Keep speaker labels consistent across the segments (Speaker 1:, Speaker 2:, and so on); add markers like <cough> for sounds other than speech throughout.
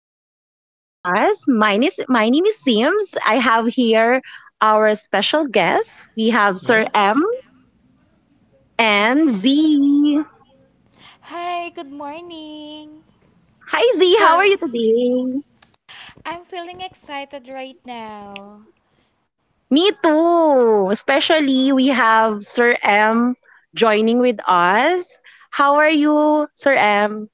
Speaker 1: Podcast with us. My name is Sims. I have here our special guest. We have Sir
Speaker 2: Yes.
Speaker 1: M and Z.
Speaker 3: Hi, good morning.
Speaker 1: Hi Z, how
Speaker 2: Hi.
Speaker 1: are you today?
Speaker 3: I'm feeling excited right now.
Speaker 1: Me too. Especially we have Sir M joining with us. How are you, Sir M?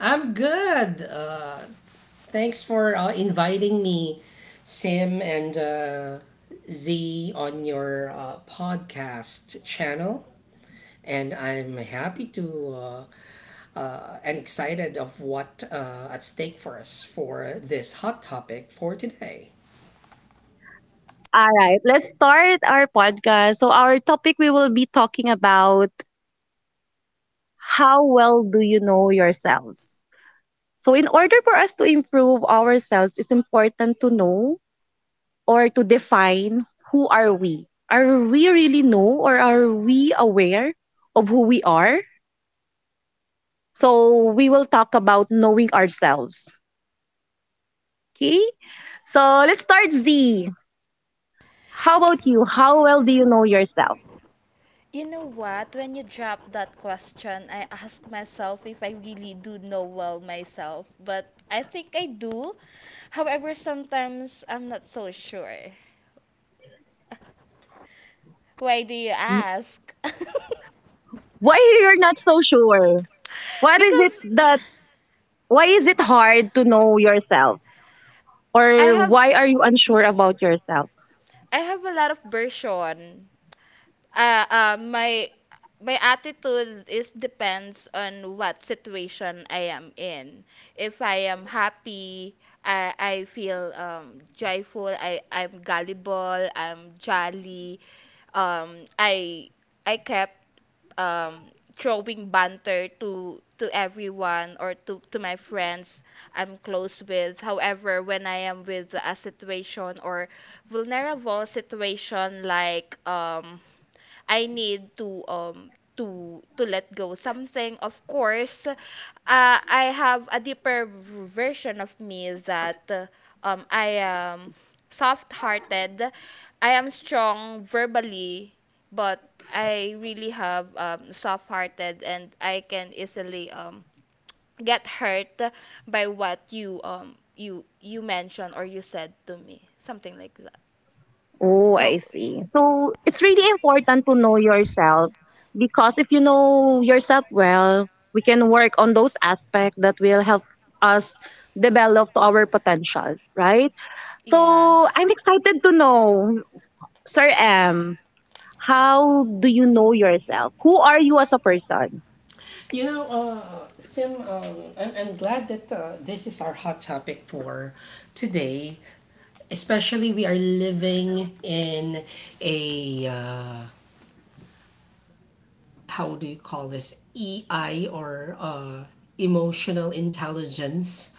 Speaker 2: I'm good. Thanks for inviting me, Sim and Z, on your podcast channel. And I'm happy to and excited of what at stake for us for this hot topic for today.
Speaker 1: All right, let's start our podcast. So our topic we will be talking about how well do you know yourselves? So, in order for us to improve ourselves, it's important to know or to define who are we? Are we really know or are we aware of who we are? So, we will talk about knowing ourselves. Okay? So, let's start Z. How about you? How well do you know yourself?
Speaker 3: You know what? When you dropped that question, I asked myself if I really do know well myself, but I think I do. However, sometimes I'm not so sure. <laughs> Why do you ask? <laughs>
Speaker 1: Why you're not so sure? What is it
Speaker 3: Because
Speaker 1: that why is it hard to know yourself?
Speaker 3: I
Speaker 1: Or
Speaker 3: have
Speaker 1: why are you unsure about yourself?
Speaker 3: I have a lot of version. My attitude is depends on what situation I am in. If I am happy, I feel joyful. I'm gullible. I'm jolly. I I kept um, throwing banter to everyone or to my friends I'm close with. However, when I am with a situation or vulnerable situation like I need to let go something. Of course, I have a deeper version of me that I am soft-hearted. I am strong verbally, but I really have soft-hearted and I can easily get hurt by what you you mentioned or you said to me. Something like that.
Speaker 1: Oh, I
Speaker 3: So,
Speaker 1: see. So it's really important to know yourself because if you know yourself well, we can work on those aspects that will help us develop our potential, right?
Speaker 3: yeah.
Speaker 1: So I'm excited to know, Sir M, how do you know yourself? Who are you as a person?
Speaker 2: Sim, I'm glad that this is our hot topic for today, especially we are living in a how do you call this EI or emotional intelligence,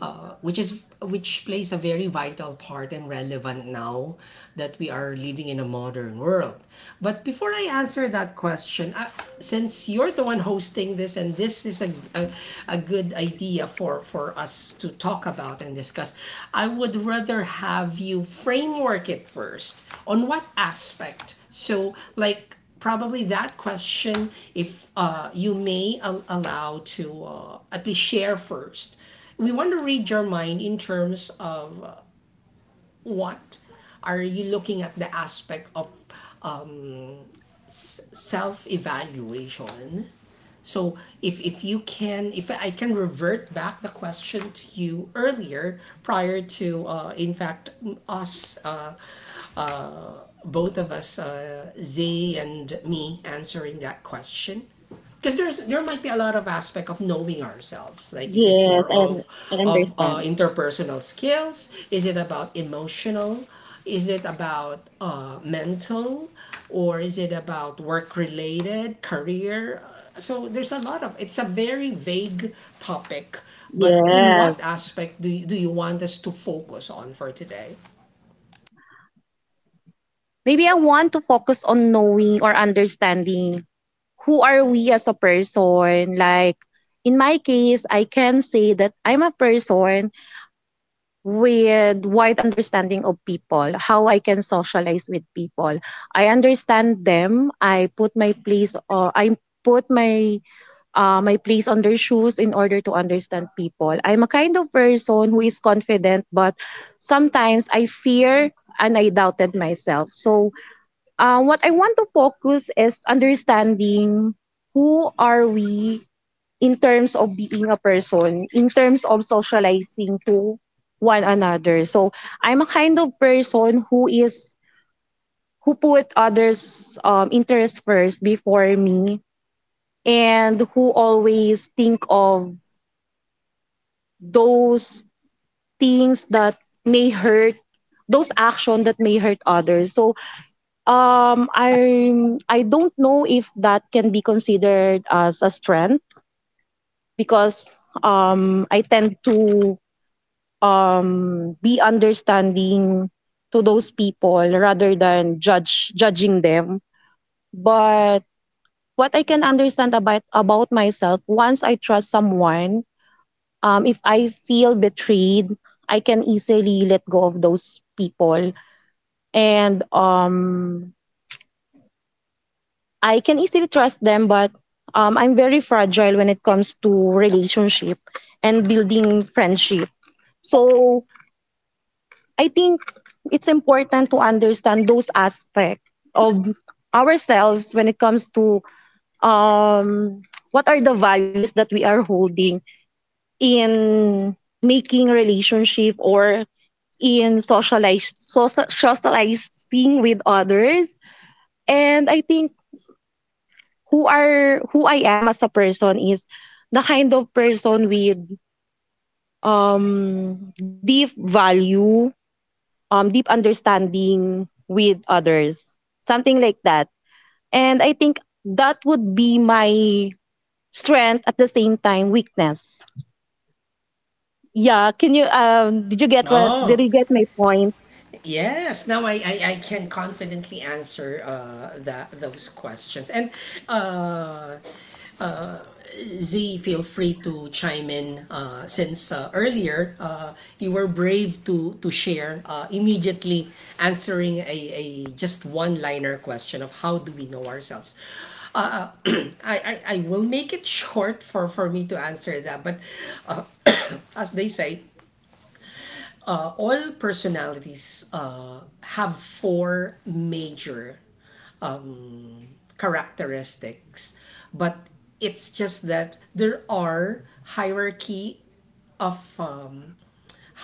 Speaker 2: which plays a very vital part and relevant now that we are living in a modern world. But before I answer that question, since you're the one hosting this and this is a, a good idea for us to talk about and discuss, I would rather have you framework it first on what aspect. So, like, probably that question, if you may allow to at least share first. We want to read your mind in terms of what are you looking at the aspect of um, self evaluation. So if you can, if I can revert back the question to you earlier, prior to, in fact, us both of us, Zay and me, answering that question? Because there might be a lot of aspect of knowing ourselves. Like, is it
Speaker 1: Yes,
Speaker 2: more
Speaker 1: and
Speaker 2: of
Speaker 1: I
Speaker 2: of uh,
Speaker 1: understand.
Speaker 2: interpersonal skills? Is it about emotional? Is it about mental? Or is it about work related, career? So there's a lot of it's a very vague topic. But in
Speaker 1: Yes.
Speaker 2: what aspect do you want us to focus on for today?
Speaker 1: Maybe I want to focus on knowing or understanding who are we as a person. Like in my case, I can say that I'm a person with wide understanding of people, how I can socialize with people. I understand them. I put my place or I put my my place on their shoes in order to understand people. I'm a kind of person who is confident, but sometimes I fear and I doubted myself. So what I want to focus is understanding who are we in terms of being a person, in terms of socializing to one another. So I'm a kind of person who is who put others' interests first before me, and who always think of those things that may hurt, those actions that may hurt others. So Um, I I don't know if that can be considered as a strength because I tend to be understanding to those people rather than judge judging them. But what I can understand about myself once I trust someone, if I feel betrayed, I can easily let go of those people and I can easily trust them, but I'm very fragile when it comes to relationship and building friendship. So I think it's important to understand those aspects of ourselves when it comes to um, what are the values that we are holding in making relationship or in socializing with others. And I think who I am as a person is the kind of person with deep value, deep understanding with others. Something like that. And I think that would be my strength at the same time weakness. Yeah, can you did you get what did
Speaker 2: Oh,
Speaker 1: you get my point?
Speaker 2: yes, now I can confidently answer that those questions. And uh, Z, feel free to chime in since earlier you were brave to share immediately answering a just one liner question of how do we know ourselves. Uh, <clears throat> I will make it short for me to answer that, but uh, <coughs> as they say, all personalities have four major um, characteristics, but it's just that there are hierarchy of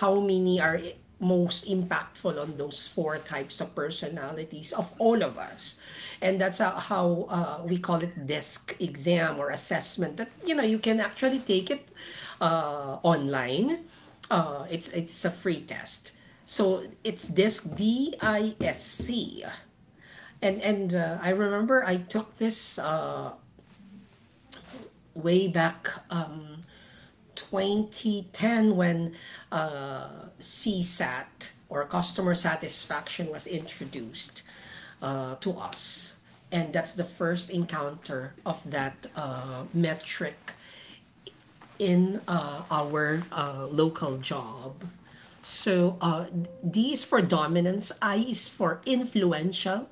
Speaker 2: how many are most impactful on those four types of personalities of all of us. And that's how we call it desk exam or assessment that you know you can actually take it online. It's a free test, so it's disc, d DISC. And I remember I took this way back 2010, when C sat or customer satisfaction was introduced to us, and that's the first encounter of that metric in our local job. So D is for dominance, I is for influential,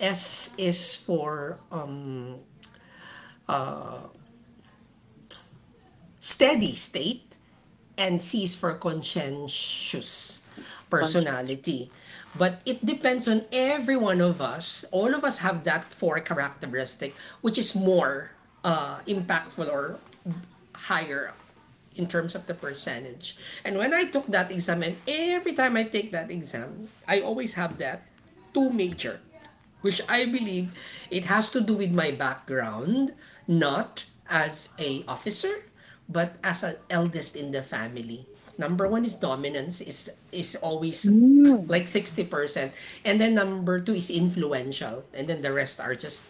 Speaker 2: S is for steady state, and C's for conscientious personality. But it depends on every one of us. All of us have that four characteristic, which is more impactful or higher in terms of the percentage. And when I took that exam, and every time I take that exam, I always have that two major, which I believe it has to do with my background, not as a officer, but as an eldest in the family. Number one is dominance is always like 60%.
Speaker 1: Mm.
Speaker 2: And then number two is influential. And then the rest are just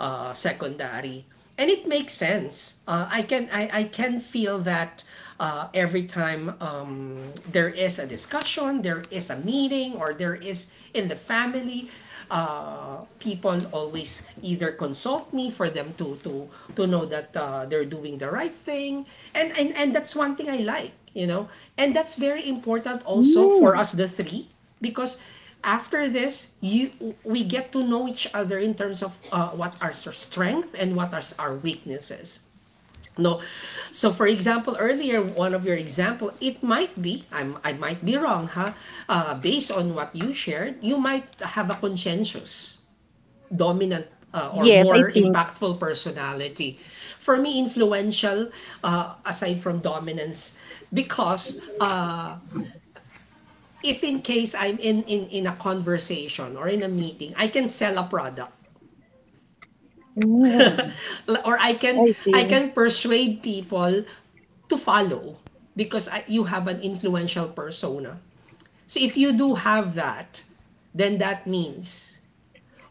Speaker 2: secondary, and it makes sense. I can I can feel that every time there is a discussion, there is a meeting, or there is in the family, people always either consult me for them to know that they're doing the right thing. And that's one thing I like, you know, and that's very important also for
Speaker 1: Mm.
Speaker 2: us the three, because after this you we get to know each other in terms of what are our strengths and what are our weaknesses, no? So for example, earlier, one of your example, it might be I might be wrong, huh? Based on what you shared, you might have a conscientious dominant
Speaker 1: Yes, I
Speaker 2: or
Speaker 1: think.
Speaker 2: more impactful personality. For me, influential aside from dominance, because if in case I'm in a conversation or in a meeting, I can sell a product
Speaker 1: Mm.
Speaker 2: or
Speaker 1: I
Speaker 2: I
Speaker 1: think.
Speaker 2: can persuade people to follow because you have an influential persona. So if you do have that, then that means,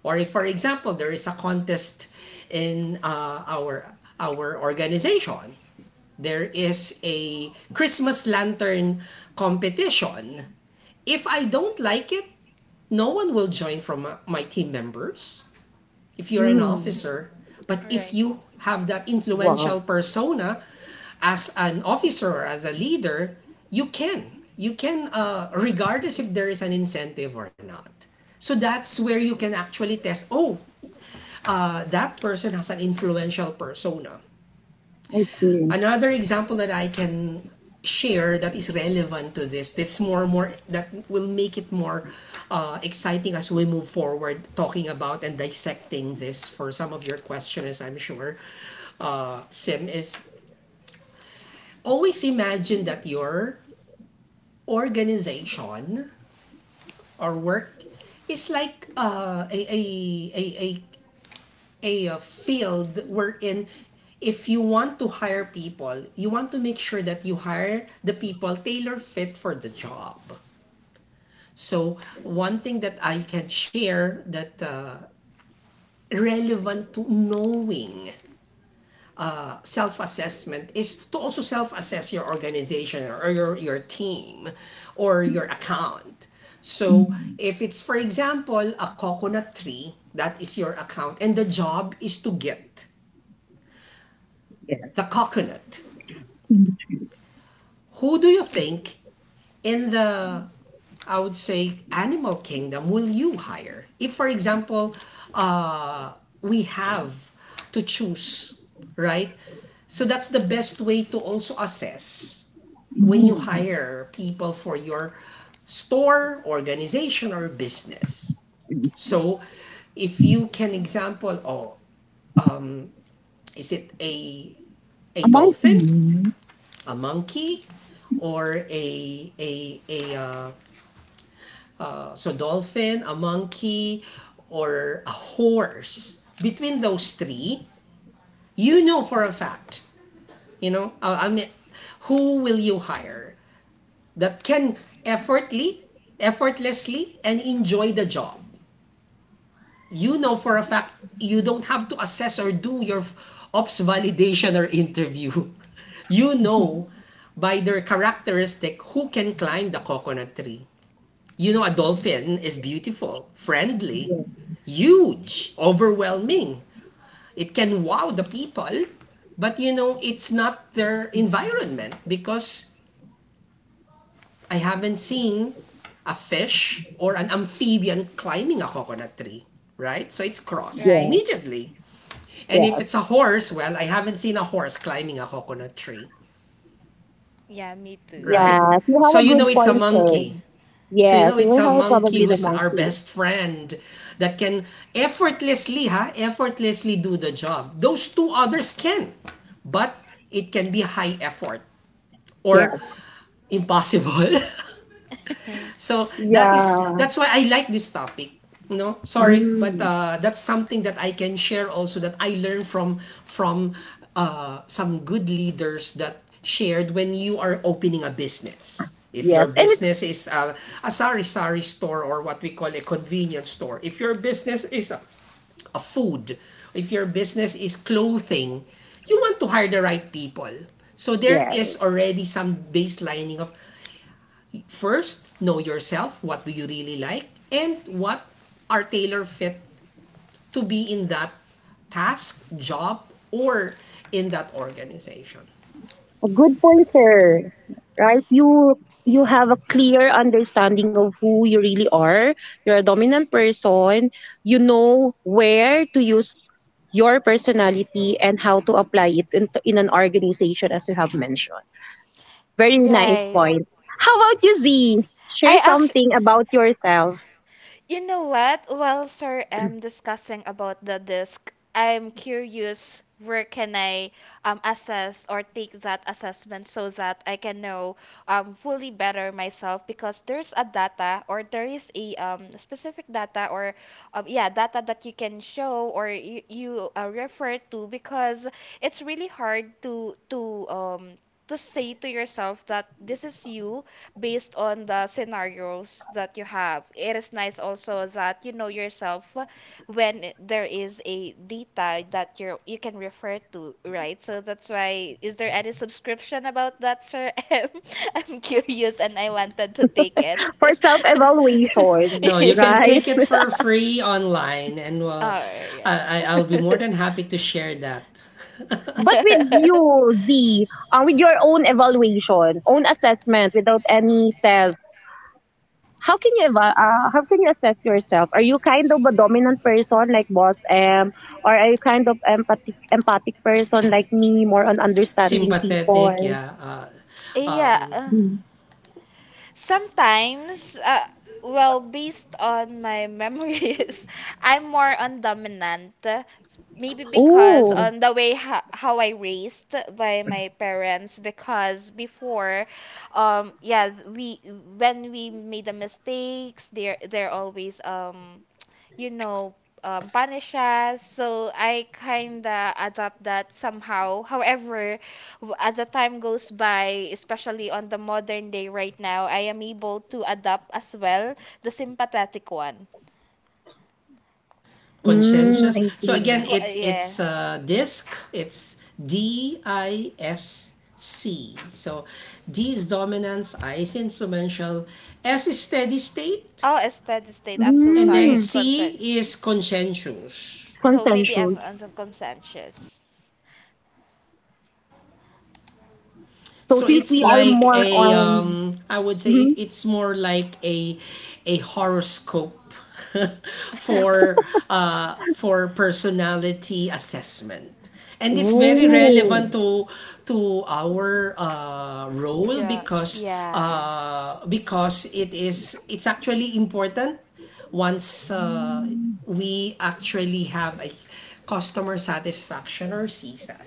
Speaker 2: or if for example there is a contest in our organization, there is a Christmas lantern competition. If I don't like it, no one will join from my team members if you're an
Speaker 1: Mm.
Speaker 2: officer. But if
Speaker 3: Right.
Speaker 2: you have that
Speaker 1: Wow.
Speaker 2: influential persona as an officer or as a leader, you can. You can, regardless if there is an incentive or not. So that's where you can actually test, oh, that person has an influential persona.
Speaker 1: I see.
Speaker 2: Another example that I can share that is relevant to this, that's more that will make it more exciting as we move forward talking about and dissecting this for some of your questioners, I'm sure, sim, is always imagine that your organization or work is like a, a a field wherein if you want to hire people, you want to make sure that you hire the people tailor fit for the job. So, one thing that I can share that relevant to knowing self assessment is to also self assess your organization or your team or your account. So, if it's, for example, a coconut tree, that is your account, and the job is to get the coconut, who do you think in the, I would say, animal kingdom will you hire? If for example, uh, we have to choose, right? So that's the best way to also assess when you hire people for your store, organization, or business. So if you can example, oh, is it a dolphin, a monkey, or a so dolphin, a monkey, or a horse? Between those three, you know for a fact, you know, I mean, who will you hire that can effortly, effortlessly, and enjoy the job? You know for a fact, you don't have to assess or do your ops validation or interview. <laughs> You know by their characteristic who can climb the coconut tree. You know, a dolphin is beautiful, friendly, huge, overwhelming. It can wow the people, but you know, it's not their environment because I haven't seen a fish or an amphibian climbing a coconut tree, right? So it's cross
Speaker 1: Yeah.
Speaker 3: Right.
Speaker 2: immediately. And if it's a horse, well, I haven't seen a horse climbing a coconut tree,
Speaker 3: Yeah, me too. <laughs>
Speaker 2: right?
Speaker 1: Yes, you have
Speaker 2: So
Speaker 1: a
Speaker 2: you know
Speaker 1: good
Speaker 2: it's a
Speaker 1: point, sir.
Speaker 2: monkey. So you
Speaker 1: Yes,
Speaker 2: know
Speaker 1: you
Speaker 2: it's
Speaker 1: will
Speaker 2: a
Speaker 1: have
Speaker 3: Yes.
Speaker 2: monkey
Speaker 1: probably the
Speaker 2: who's our
Speaker 1: monkey.
Speaker 2: best friend that can effortlessly do the job. Those two others can. But it can be high effort
Speaker 1: Yes.
Speaker 2: or impossible. <laughs>
Speaker 3: <laughs>
Speaker 2: So that is
Speaker 1: Yeah.
Speaker 2: that's why I like this topic. No, sorry, but
Speaker 1: Mm.
Speaker 2: that's something that I can share also that I learned from some good leaders that shared when you are opening a business. If
Speaker 1: Yes,
Speaker 2: your
Speaker 1: and it's
Speaker 2: business is a sari sari store or what we call a convenience store, if your business is a food, if your business is clothing, you want to hire the right people. So there
Speaker 1: yes,
Speaker 2: is already some baselining of, first, know yourself. What do you really like? And what are tailor fit to be in that task, job, or in that organization?
Speaker 1: a good point, sir. Right? You have a clear understanding of who you really are. You're a dominant person. You know where to use your personality and how to apply it in an organization, as you have mentioned. Very nice
Speaker 3: Right.
Speaker 1: point. How about you, Z?
Speaker 3: I
Speaker 1: Share
Speaker 3: act
Speaker 1: something about yourself.
Speaker 3: You know what? While sir am discussing about the disc, I'm curious where can I assess or take that assessment so that I can know fully better myself because there's a data or there is a specific data or yeah data that you can show or you refer to because it's really hard to say to yourself that this is you based on the scenarios that you have. It is nice also that you know yourself when there is a data that you can refer to, right? So that's why, is there any subscription about that, Sir <laughs> M? I'm curious and I wanted to take it.
Speaker 1: For self
Speaker 3: <laughs>
Speaker 1: evaluation,
Speaker 2: No, you can
Speaker 3: Yeah.
Speaker 1: right?
Speaker 2: take it
Speaker 1: <laughs>
Speaker 2: for free online, and
Speaker 3: All right.
Speaker 2: I will be more than happy to share that.
Speaker 3: <laughs>
Speaker 2: <laughs>
Speaker 1: But with you,
Speaker 3: <laughs>
Speaker 1: Z, with your own evaluation, own assessment, without any test, how can you assess yourself? Are you kind of a dominant person like Boss M, or are you kind of empathic person like me, more on understanding people?
Speaker 2: Sympathetic, yeah.
Speaker 3: Yeah.
Speaker 2: Um,
Speaker 3: uh,
Speaker 1: Mm.
Speaker 3: Sometimes, well, based on my <laughs> memories, I'm more on dominant. Maybe because
Speaker 1: Oh,
Speaker 3: on the way how I raised by my parents. Because before, yeah, we when we made the mistakes, they're always you know, punish us. So I kinda adapt that somehow. However, as the time goes by, especially on the modern day right now, I am able to adapt as well the sympathetic one.
Speaker 1: mm,
Speaker 2: Consensus.
Speaker 1: I
Speaker 2: So
Speaker 1: see.
Speaker 2: again, it's
Speaker 3: Yeah.
Speaker 2: disc. It's DISC. So D is dominance, I is influential, S is steady state,
Speaker 3: Oh, a steady state. I'm so
Speaker 2: and then
Speaker 3: sorry.
Speaker 1: Mm,
Speaker 3: Consent.
Speaker 2: C is consensus.
Speaker 3: So maybe
Speaker 1: consensual.
Speaker 3: I'm unconscious.
Speaker 1: So
Speaker 2: So
Speaker 1: since we
Speaker 2: it's
Speaker 1: are
Speaker 2: like
Speaker 1: more
Speaker 2: a
Speaker 1: on,
Speaker 2: um, I would say it,
Speaker 1: mhm.
Speaker 2: it's more like a horoscope <laughs>
Speaker 3: <laughs>
Speaker 2: for personality assessment. And it's very relevant
Speaker 1: Oh,
Speaker 2: to our role
Speaker 3: Yeah.
Speaker 2: because it is it's actually important once we actually have a customer satisfaction or CSAT.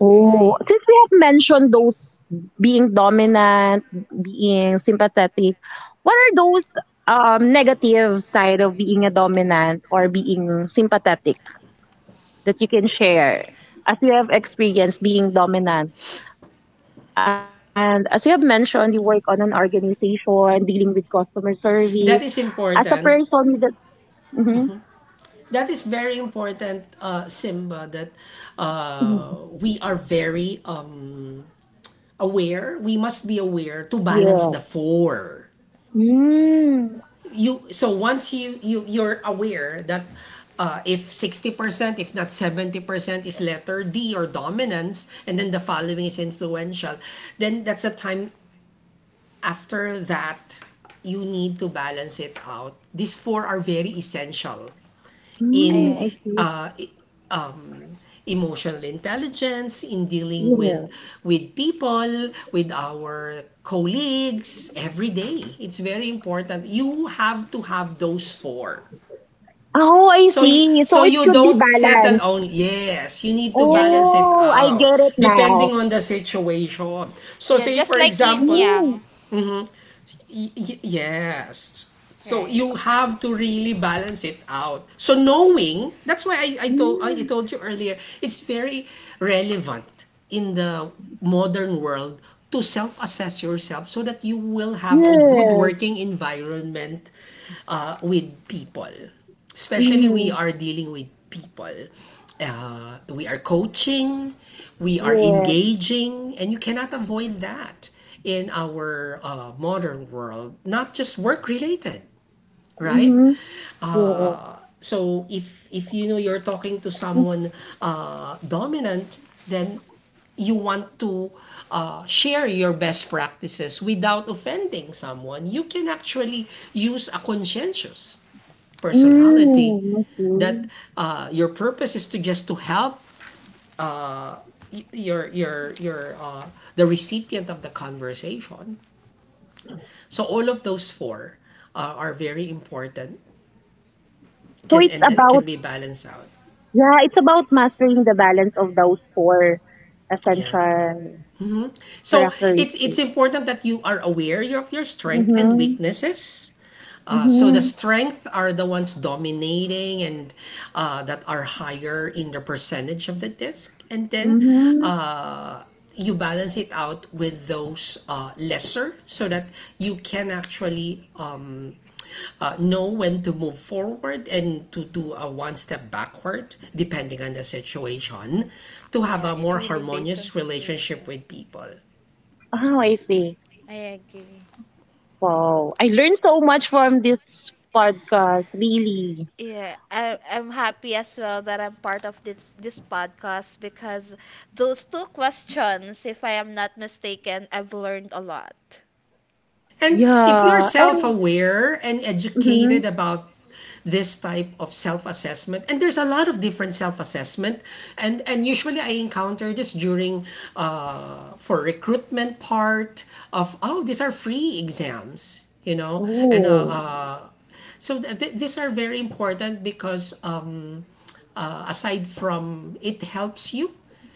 Speaker 1: oh,
Speaker 3: Right.
Speaker 1: since we have mentioned those being dominant, being sympathetic, what are those negative side of being a dominant or being sympathetic that you can share as you have experienced being dominant? And as you have mentioned, you work on an organization dealing with customer service. As
Speaker 2: That
Speaker 1: a
Speaker 2: is
Speaker 1: person that,
Speaker 2: important,
Speaker 1: mhm.
Speaker 2: that is very important, Simba, that we are very aware. We must be aware to balance
Speaker 1: Yeah.
Speaker 2: the four.
Speaker 1: Mm.
Speaker 2: You so once you're aware that if 60% if not 70% is letter D or dominance, and then the following is influential, then that's a time after that you need to balance it out. These four are very essential
Speaker 1: Mm,
Speaker 2: in
Speaker 1: I
Speaker 3: I
Speaker 1: see.
Speaker 2: emotional intelligence in dealing with
Speaker 1: Yeah.
Speaker 2: people with our colleagues every day. It's very important you have to have those four,
Speaker 1: Oh, I see. So
Speaker 2: so
Speaker 1: it
Speaker 2: you
Speaker 1: should be
Speaker 2: don't settle
Speaker 1: balanced.
Speaker 2: on, yes, you need to
Speaker 3: yeah, just
Speaker 2: balance it
Speaker 1: Oh, I
Speaker 2: out
Speaker 1: get it now.
Speaker 2: depending on the situation. So
Speaker 3: yeah,
Speaker 2: say
Speaker 3: just
Speaker 2: for
Speaker 3: like yin
Speaker 2: example,
Speaker 1: Mm,
Speaker 3: yang.
Speaker 2: yes, so
Speaker 3: Right.
Speaker 2: you have to really balance it out. So knowing, that's why I, I told I
Speaker 1: mm,
Speaker 2: told you earlier, it's very relevant in the modern world to self-assess yourself so that you will have a good
Speaker 1: yes.
Speaker 2: working environment with people. Especially we
Speaker 1: Mm,
Speaker 2: are dealing with people. We are coaching, we are
Speaker 1: yes.
Speaker 2: engaging, and you cannot avoid that in our modern world, not just work related, right?
Speaker 1: Mm-hmm. Yes.
Speaker 2: So if you know you're talking to someone dominant, then you want to share your best practices without offending someone. You can actually use a conscientious personality,
Speaker 1: Mm, okay.
Speaker 2: that your purpose is to just to help your the recipient of the conversation. So all of those four are very important.
Speaker 1: So
Speaker 2: Can
Speaker 1: it's
Speaker 2: and that
Speaker 1: about,
Speaker 2: can be balanced out.
Speaker 1: yeah, it's about mastering the balance of those four
Speaker 2: Yeah.
Speaker 1: essential
Speaker 2: So it's
Speaker 1: characteristics.
Speaker 2: important that you are aware of your strength and
Speaker 1: Mm-hmm.
Speaker 2: weaknesses. So the
Speaker 1: Mm-hmm.
Speaker 2: strength are the ones dominating, and that are higher in the percentage of the disc, and then
Speaker 1: Mm-hmm.
Speaker 2: uh, you balance it out with those lesser, so that you can actually know when to move forward and to do a one step backward depending on the situation, to have
Speaker 3: Yeah,
Speaker 2: a
Speaker 3: it
Speaker 2: more
Speaker 3: really based on
Speaker 2: harmonious relationship
Speaker 3: situation.
Speaker 2: with people.
Speaker 1: Oh, I see.
Speaker 3: I agree.
Speaker 1: Wow. I learned so much from this podcast, really.
Speaker 3: Yeah, I'm happy as well that I'm part of this podcast because those two questions, if I am not mistaken, I've learned a lot.
Speaker 2: And if you're
Speaker 1: Yeah.
Speaker 2: self
Speaker 1: And,
Speaker 2: aware and educated
Speaker 1: mm-hmm.
Speaker 2: about this type of self-assessment, and there's a lot of different self-assessment, and usually I encounter this during for recruitment part of, oh, these are free exams, you know and
Speaker 1: Oh,
Speaker 2: so th- th- these are very important because aside from it helps you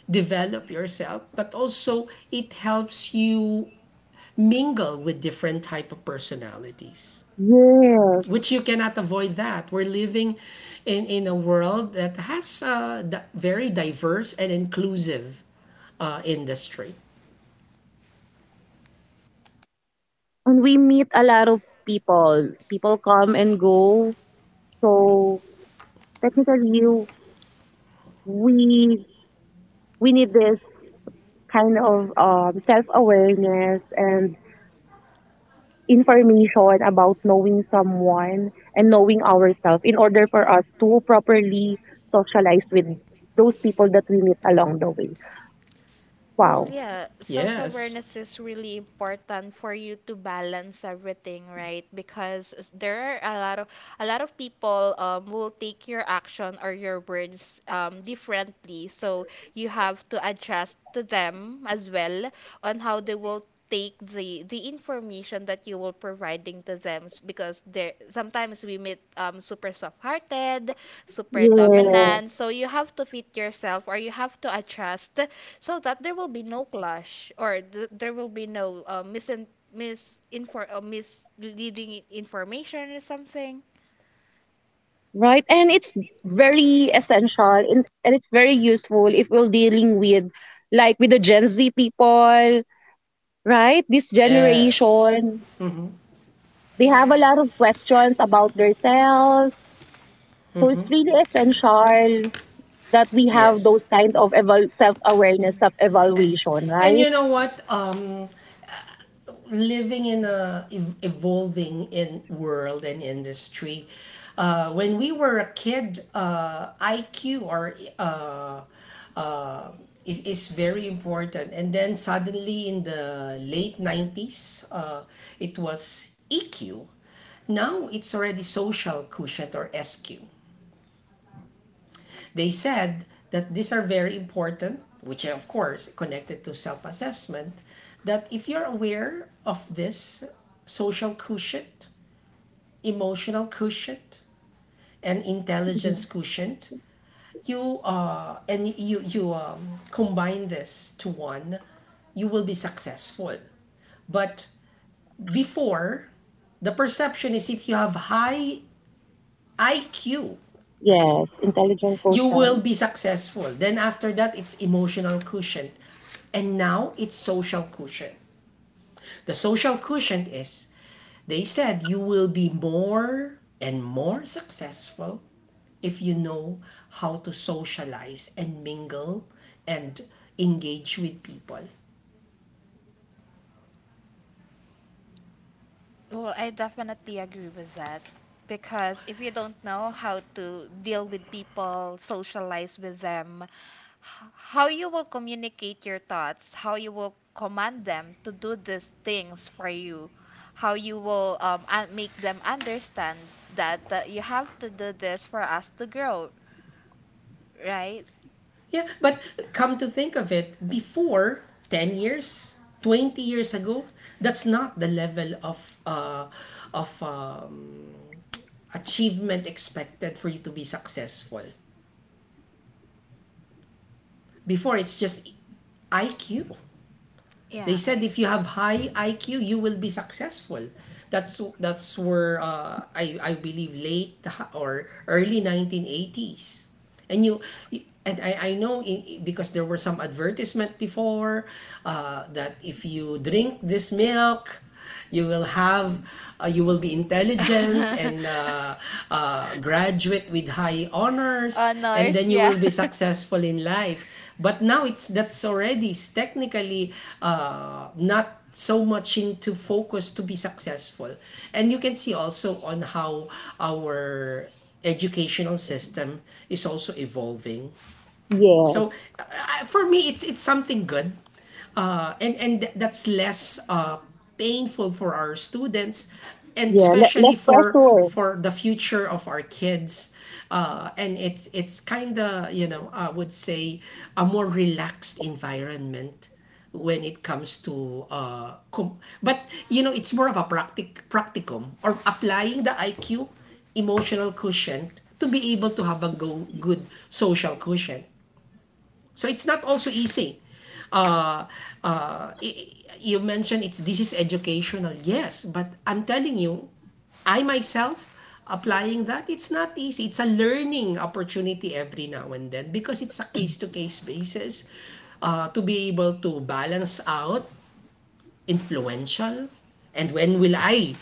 Speaker 2: develop yourself but also it helps you mingle with different type of personalities,
Speaker 1: yes.
Speaker 2: which you cannot avoid that we're living in a world that has a very diverse and inclusive industry.
Speaker 1: And we meet a lot of people. People come and go. So technically, we we need this kind of self awareness and information about knowing someone and knowing ourselves in order for us to properly socialize with those people that we meet along the way.
Speaker 3: Well,
Speaker 1: Wow.
Speaker 3: yeah, self
Speaker 2: Yes,
Speaker 3: awareness is really important for you to balance everything, right? Because there are a lot of people will take your action or your words differently, so you have to adjust to them as well on how they will take the information that you will providing to them because there sometimes we meet super soft-hearted super
Speaker 1: Yeah,
Speaker 3: dominant so you have to fit yourself or you have to adjust so that there will be no clash or there will be no misleading information or something.
Speaker 1: right. And it's very essential and it's very useful if we're dealing with like with the Gen Z people, right? This
Speaker 2: yes,
Speaker 1: generation, they have a
Speaker 3: Yeah.
Speaker 1: lot of questions about themselves. So it's really essential that we have those
Speaker 2: yes.
Speaker 1: kind of self-awareness,
Speaker 3: <clears throat>
Speaker 1: self-evaluation,
Speaker 2: And
Speaker 1: right?
Speaker 2: you know what, living in a evolving in world and industry. When we were a kid, IQ or uh, is very important. And then suddenly in the late 90s, it was EQ. Now it's already social quotient or SQ. They said that these are very important, which of course connected to self-assessment, that if you're aware of this social quotient, emotional quotient, and intelligence
Speaker 1: Mhm.
Speaker 2: quotient, you and you combine this to one, you will be successful. But before, the perception is if you have high IQ,
Speaker 1: Yes, intelligent
Speaker 2: you will
Speaker 1: person.
Speaker 2: be successful. Then after that, it's emotional cushion. And now it's social cushion. The social cushion is they said you will be more and more successful if you know how to
Speaker 1: Hello?
Speaker 2: socialize and mingle and engage with people.
Speaker 3: Well, I definitely agree with that because if you don't know how to deal with people, socialize with them, how you will communicate your thoughts, how you will command them to do these things for you, how you will make them understand that you have to do this for us to grow, right?
Speaker 2: Yeah, but come to think of it, before 10 years, 20 years ago, that's not the level of of uh, achievement expected for you to be successful. Before, it's just IQ. They
Speaker 3: Yeah,
Speaker 2: said if you
Speaker 3: IQ.
Speaker 2: have high IQ, you will be successful. That's where I believe late or early 1980s. And you and I know in, because there were some advertisement before, that if you drink this milk you will have, you will be intelligent, and graduate with high
Speaker 3: <laughs>
Speaker 2: honors, and
Speaker 3: Honors,
Speaker 2: then you
Speaker 3: yeah.
Speaker 2: will be
Speaker 3: <laughs>
Speaker 2: successful in life. But now it's, that's already technically not so much into focus to be successful, and you can see also on how our educational system is also evolving.
Speaker 1: Yes,
Speaker 2: So for me, it's something good, and that's less painful for our students, and
Speaker 1: yeah. Let,
Speaker 2: especially
Speaker 1: let's press
Speaker 2: for
Speaker 1: or.
Speaker 2: the future of our kids. And it's kind of, you know, I would say a more relaxed environment when it comes to but you know it's more of a practicum, or applying the IQ, emotional quotient, to be able to have a good social quotient. So it's not also easy. Uh, you mentioned it's, this is educational, yes, but I'm telling you, I myself applying that, it's not easy. It's a learning opportunity every now and then because it's a case to case basis. To be able to balance out influential, and when will I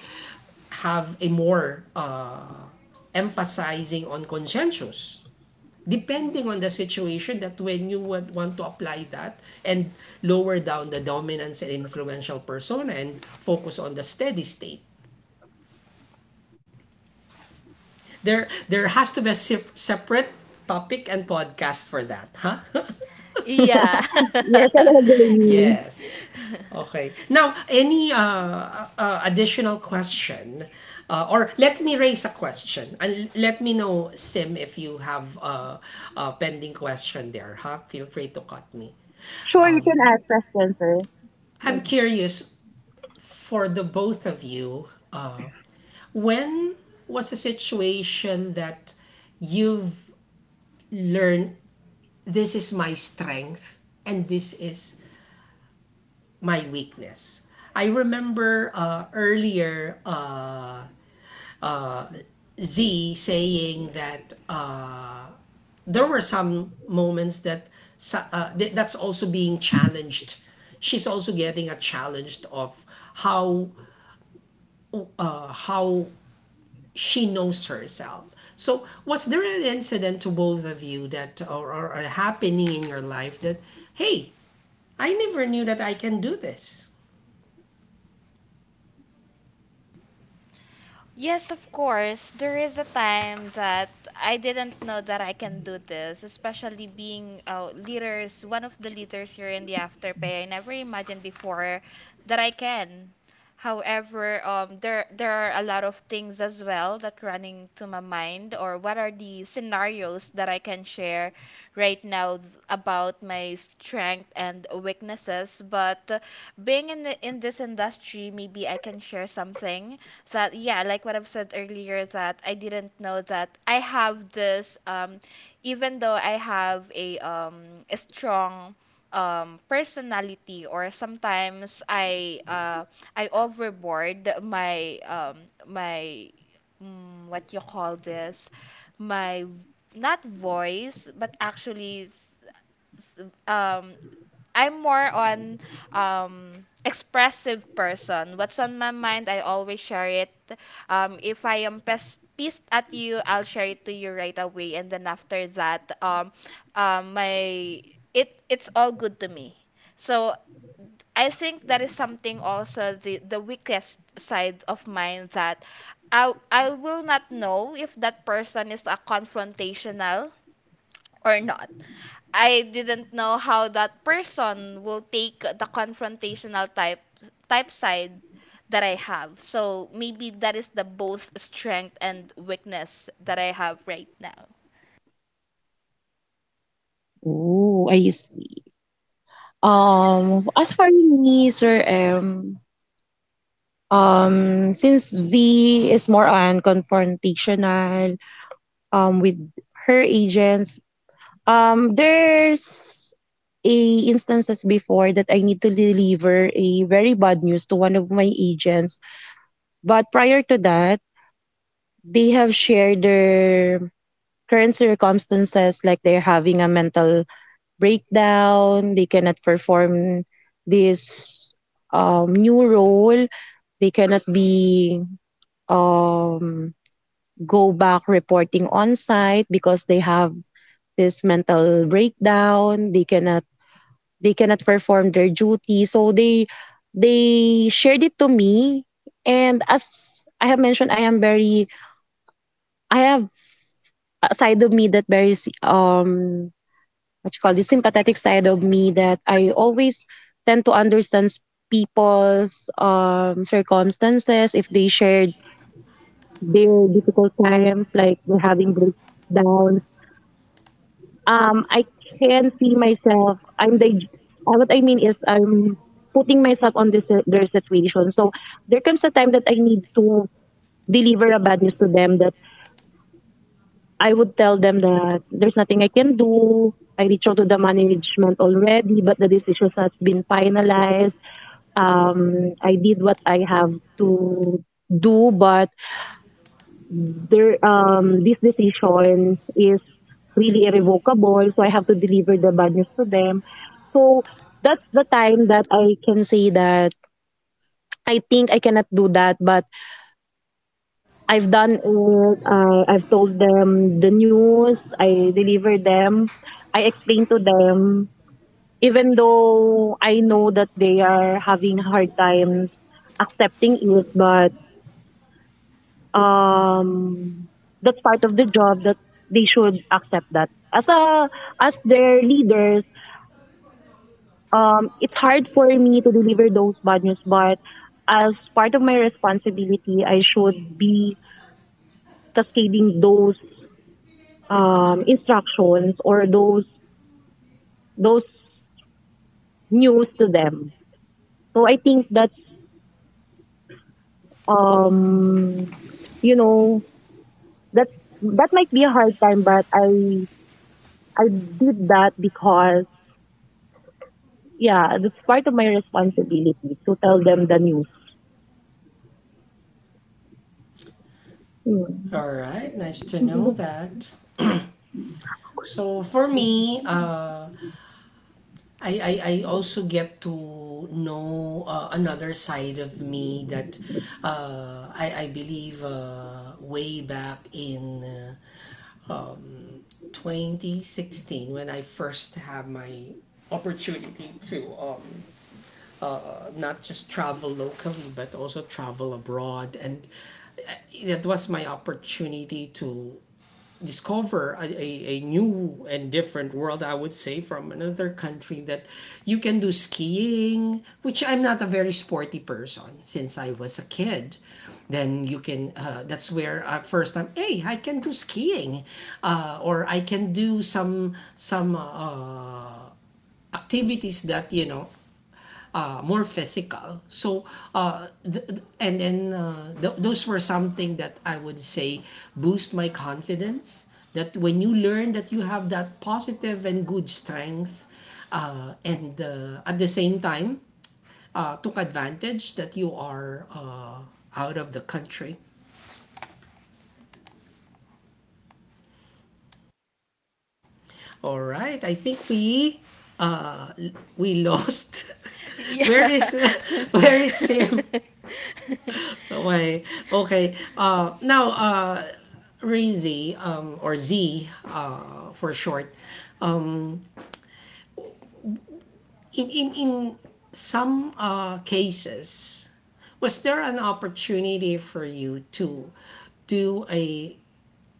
Speaker 2: have a more emphasizing on conscientious depending on the situation, that when you would want to apply that, and lower down the dominance and influential persona and focus on the steady state, there has to be a separate topic and podcast for that, huh. <laughs>
Speaker 3: Yeah.
Speaker 1: Yes, I agree.
Speaker 2: Yes.
Speaker 3: <laughs>
Speaker 2: Okay, now any additional question, or let me raise a question, and let me know, Sim, if you have a pending question there, huh, feel free to cut me.
Speaker 1: Sure, you can ask us, Spencer.
Speaker 2: I'm
Speaker 1: Yeah.
Speaker 2: curious, for the both of you, when was a situation that you've learned, this is my strength and this is my weakness? I remember earlier Z saying that there were some moments that that's also being challenged. She's also getting a challenge of how how she knows herself. So, was there an incident to both of you that, or happening in your life, that, hey, I never knew that I can do this?
Speaker 3: Yes, of course. There is a time that I didn't know that I can do this, especially being leaders, one of the leaders here in the Afterpay. I never imagined before that I can. However, there are a lot of things as well that running to my mind, or what are the scenarios that I can share right now about my strength and weaknesses. But being in the, in this industry, maybe I can share something that yeah like what I've said earlier that I didn't know that I have this even though I have a strong personality or sometimes I overboard my my what you call this my not voice but actually s- um I'm more on um expressive person. What's on my mind, I always share it. If I am pissed at you, I'll share it to you right away, and then after that, my it it's all good to me. So I think that is something also the weakest side of mine that I will not know if that person is a confrontational or not. I didn't know how that person will take the confrontational type side that I have. So maybe that is the both strength and weakness that I have right now.
Speaker 1: Oh, I see. As for me, Sir M, since Z is more on confrontational, with her agents. There's a instances before that I need to deliver a very bad news to one of my agents. But prior to that, they have shared their current circumstances like they're having a mental breakdown, they cannot perform this new role, they cannot be um, go back reporting on site because they have this mental breakdown they cannot perform their duty so they shared it to me and as I have mentioned I am very I have a side of me that very um what you call this sympathetic side of me that I always tend to understand people's circumstances if they shared their difficult times like they're having breakdown I can see myself I'm the what I mean is I'm putting myself on this their situation. So there comes a time that I need to deliver a bad news to them that I would tell them that there's nothing I can do. I reached out to the management already, but the decisions has been finalized. I did what I have to do, but there this decision is really irrevocable. So I have to deliver the bad news to them. So that's the time that I can say that I think I cannot do that, but I've done it. I've told them the news. I delivered them. I explained to them, even though I know that they are having hard times accepting it, but um, that's part of the job that they should accept that as their leaders. It's hard for me to deliver those bad news, but as part of my responsibility, I should be cascading those instructions or those news to them. So I think that's um, you know that's that might be a hard time, but I did that because yeah, that's part of my responsibility to tell them the news.
Speaker 2: All right, nice to know that. So for me, I also get to know another side of me, that I believe way back in um, 2016 when I first have my opportunity to uh, not just travel locally but also travel abroad, and that was my opportunity to discover a new and different world, I would say, from another country, that you can do skiing, which I'm not a very sporty person since I was a kid. Then you can, that's where at first time, hey, I can do skiing, or I can do some activities that, you know, more physical. So, those were something that I would say boost my confidence. That when you learn that you have that positive and good strength, and at the same time took advantage that you are out of the country. All right, I think we lost.
Speaker 3: <laughs>
Speaker 2: <laughs> Where
Speaker 3: Yeah.
Speaker 2: is, <laughs> where is
Speaker 3: <laughs>
Speaker 2: Sim? Okay, okay. Now Rizzi, or Z for short, um, in some cases, was there an opportunity for you to do a,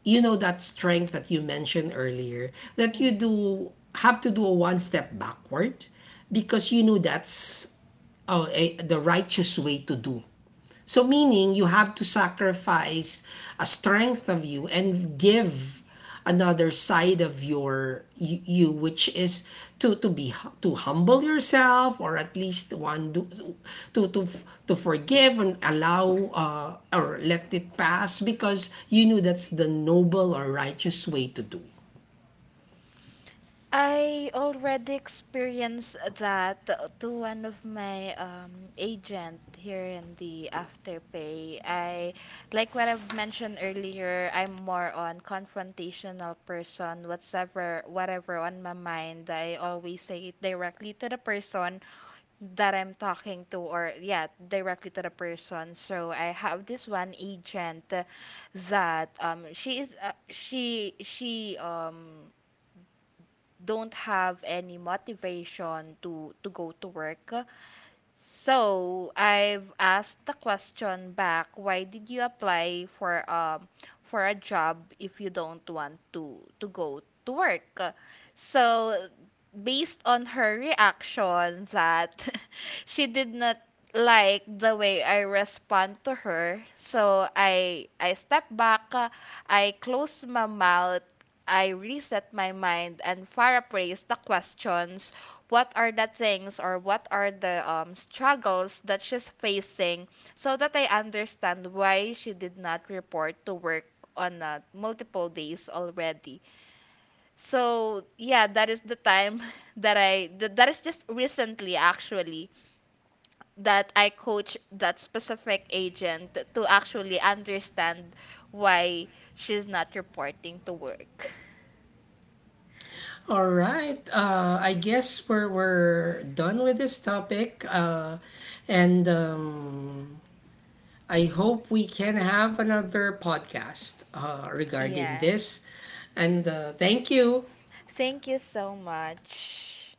Speaker 2: you know, that strength that you mentioned earlier, that you
Speaker 3: Mm.
Speaker 2: do have to do a one step backward, because you know that's the righteous way to do, so meaning you have to sacrifice a strength of you and give another side of you, which is to be, to humble yourself, or at least one do, to to to forgive and allow, or let it pass, because you know that's the noble or righteous way to do.
Speaker 3: I already experienced that to one of my agent here in the afterpay. I like what I've mentioned earlier. I'm more on confrontational person. Whatever on my mind, I always say it directly to the person that I'm talking to, or yeah, directly to the person. So I have this one agent that she is she don't have any motivation to go to work so I've asked the question back, why did you apply for a job if you don't want to go to work? So based on her reaction that <laughs> she did not like the way I respond to her, so I step back, I close my mouth, I reset my mind and paraphrase the questions what are the things or what are the struggles that she's facing so that I understand why she did not report to work on multiple days already. So, yeah, that is the time <laughs> that that is just recently actually, that I coach that specific agent to actually understand why she's not reporting to work.
Speaker 2: All right, I guess we're done with this topic, and I hope we can have another podcast regarding
Speaker 3: Yeah.
Speaker 2: this, and thank you.
Speaker 3: Thank you so much.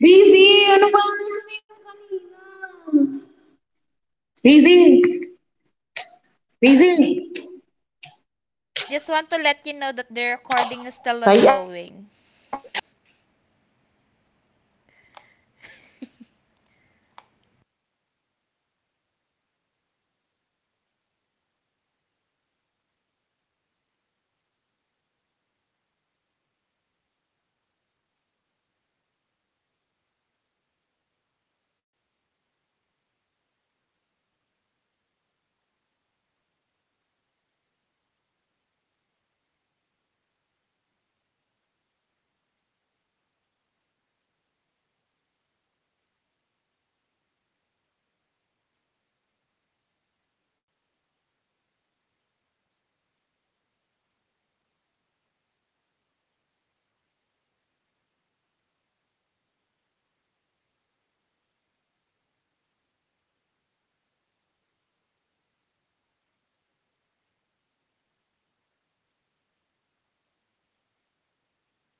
Speaker 1: Busy! Ano ba? Ano na yung kanina? Busy! Busy!
Speaker 3: I just want to let you know that the recording is still
Speaker 1: Sayat!
Speaker 3: ongoing.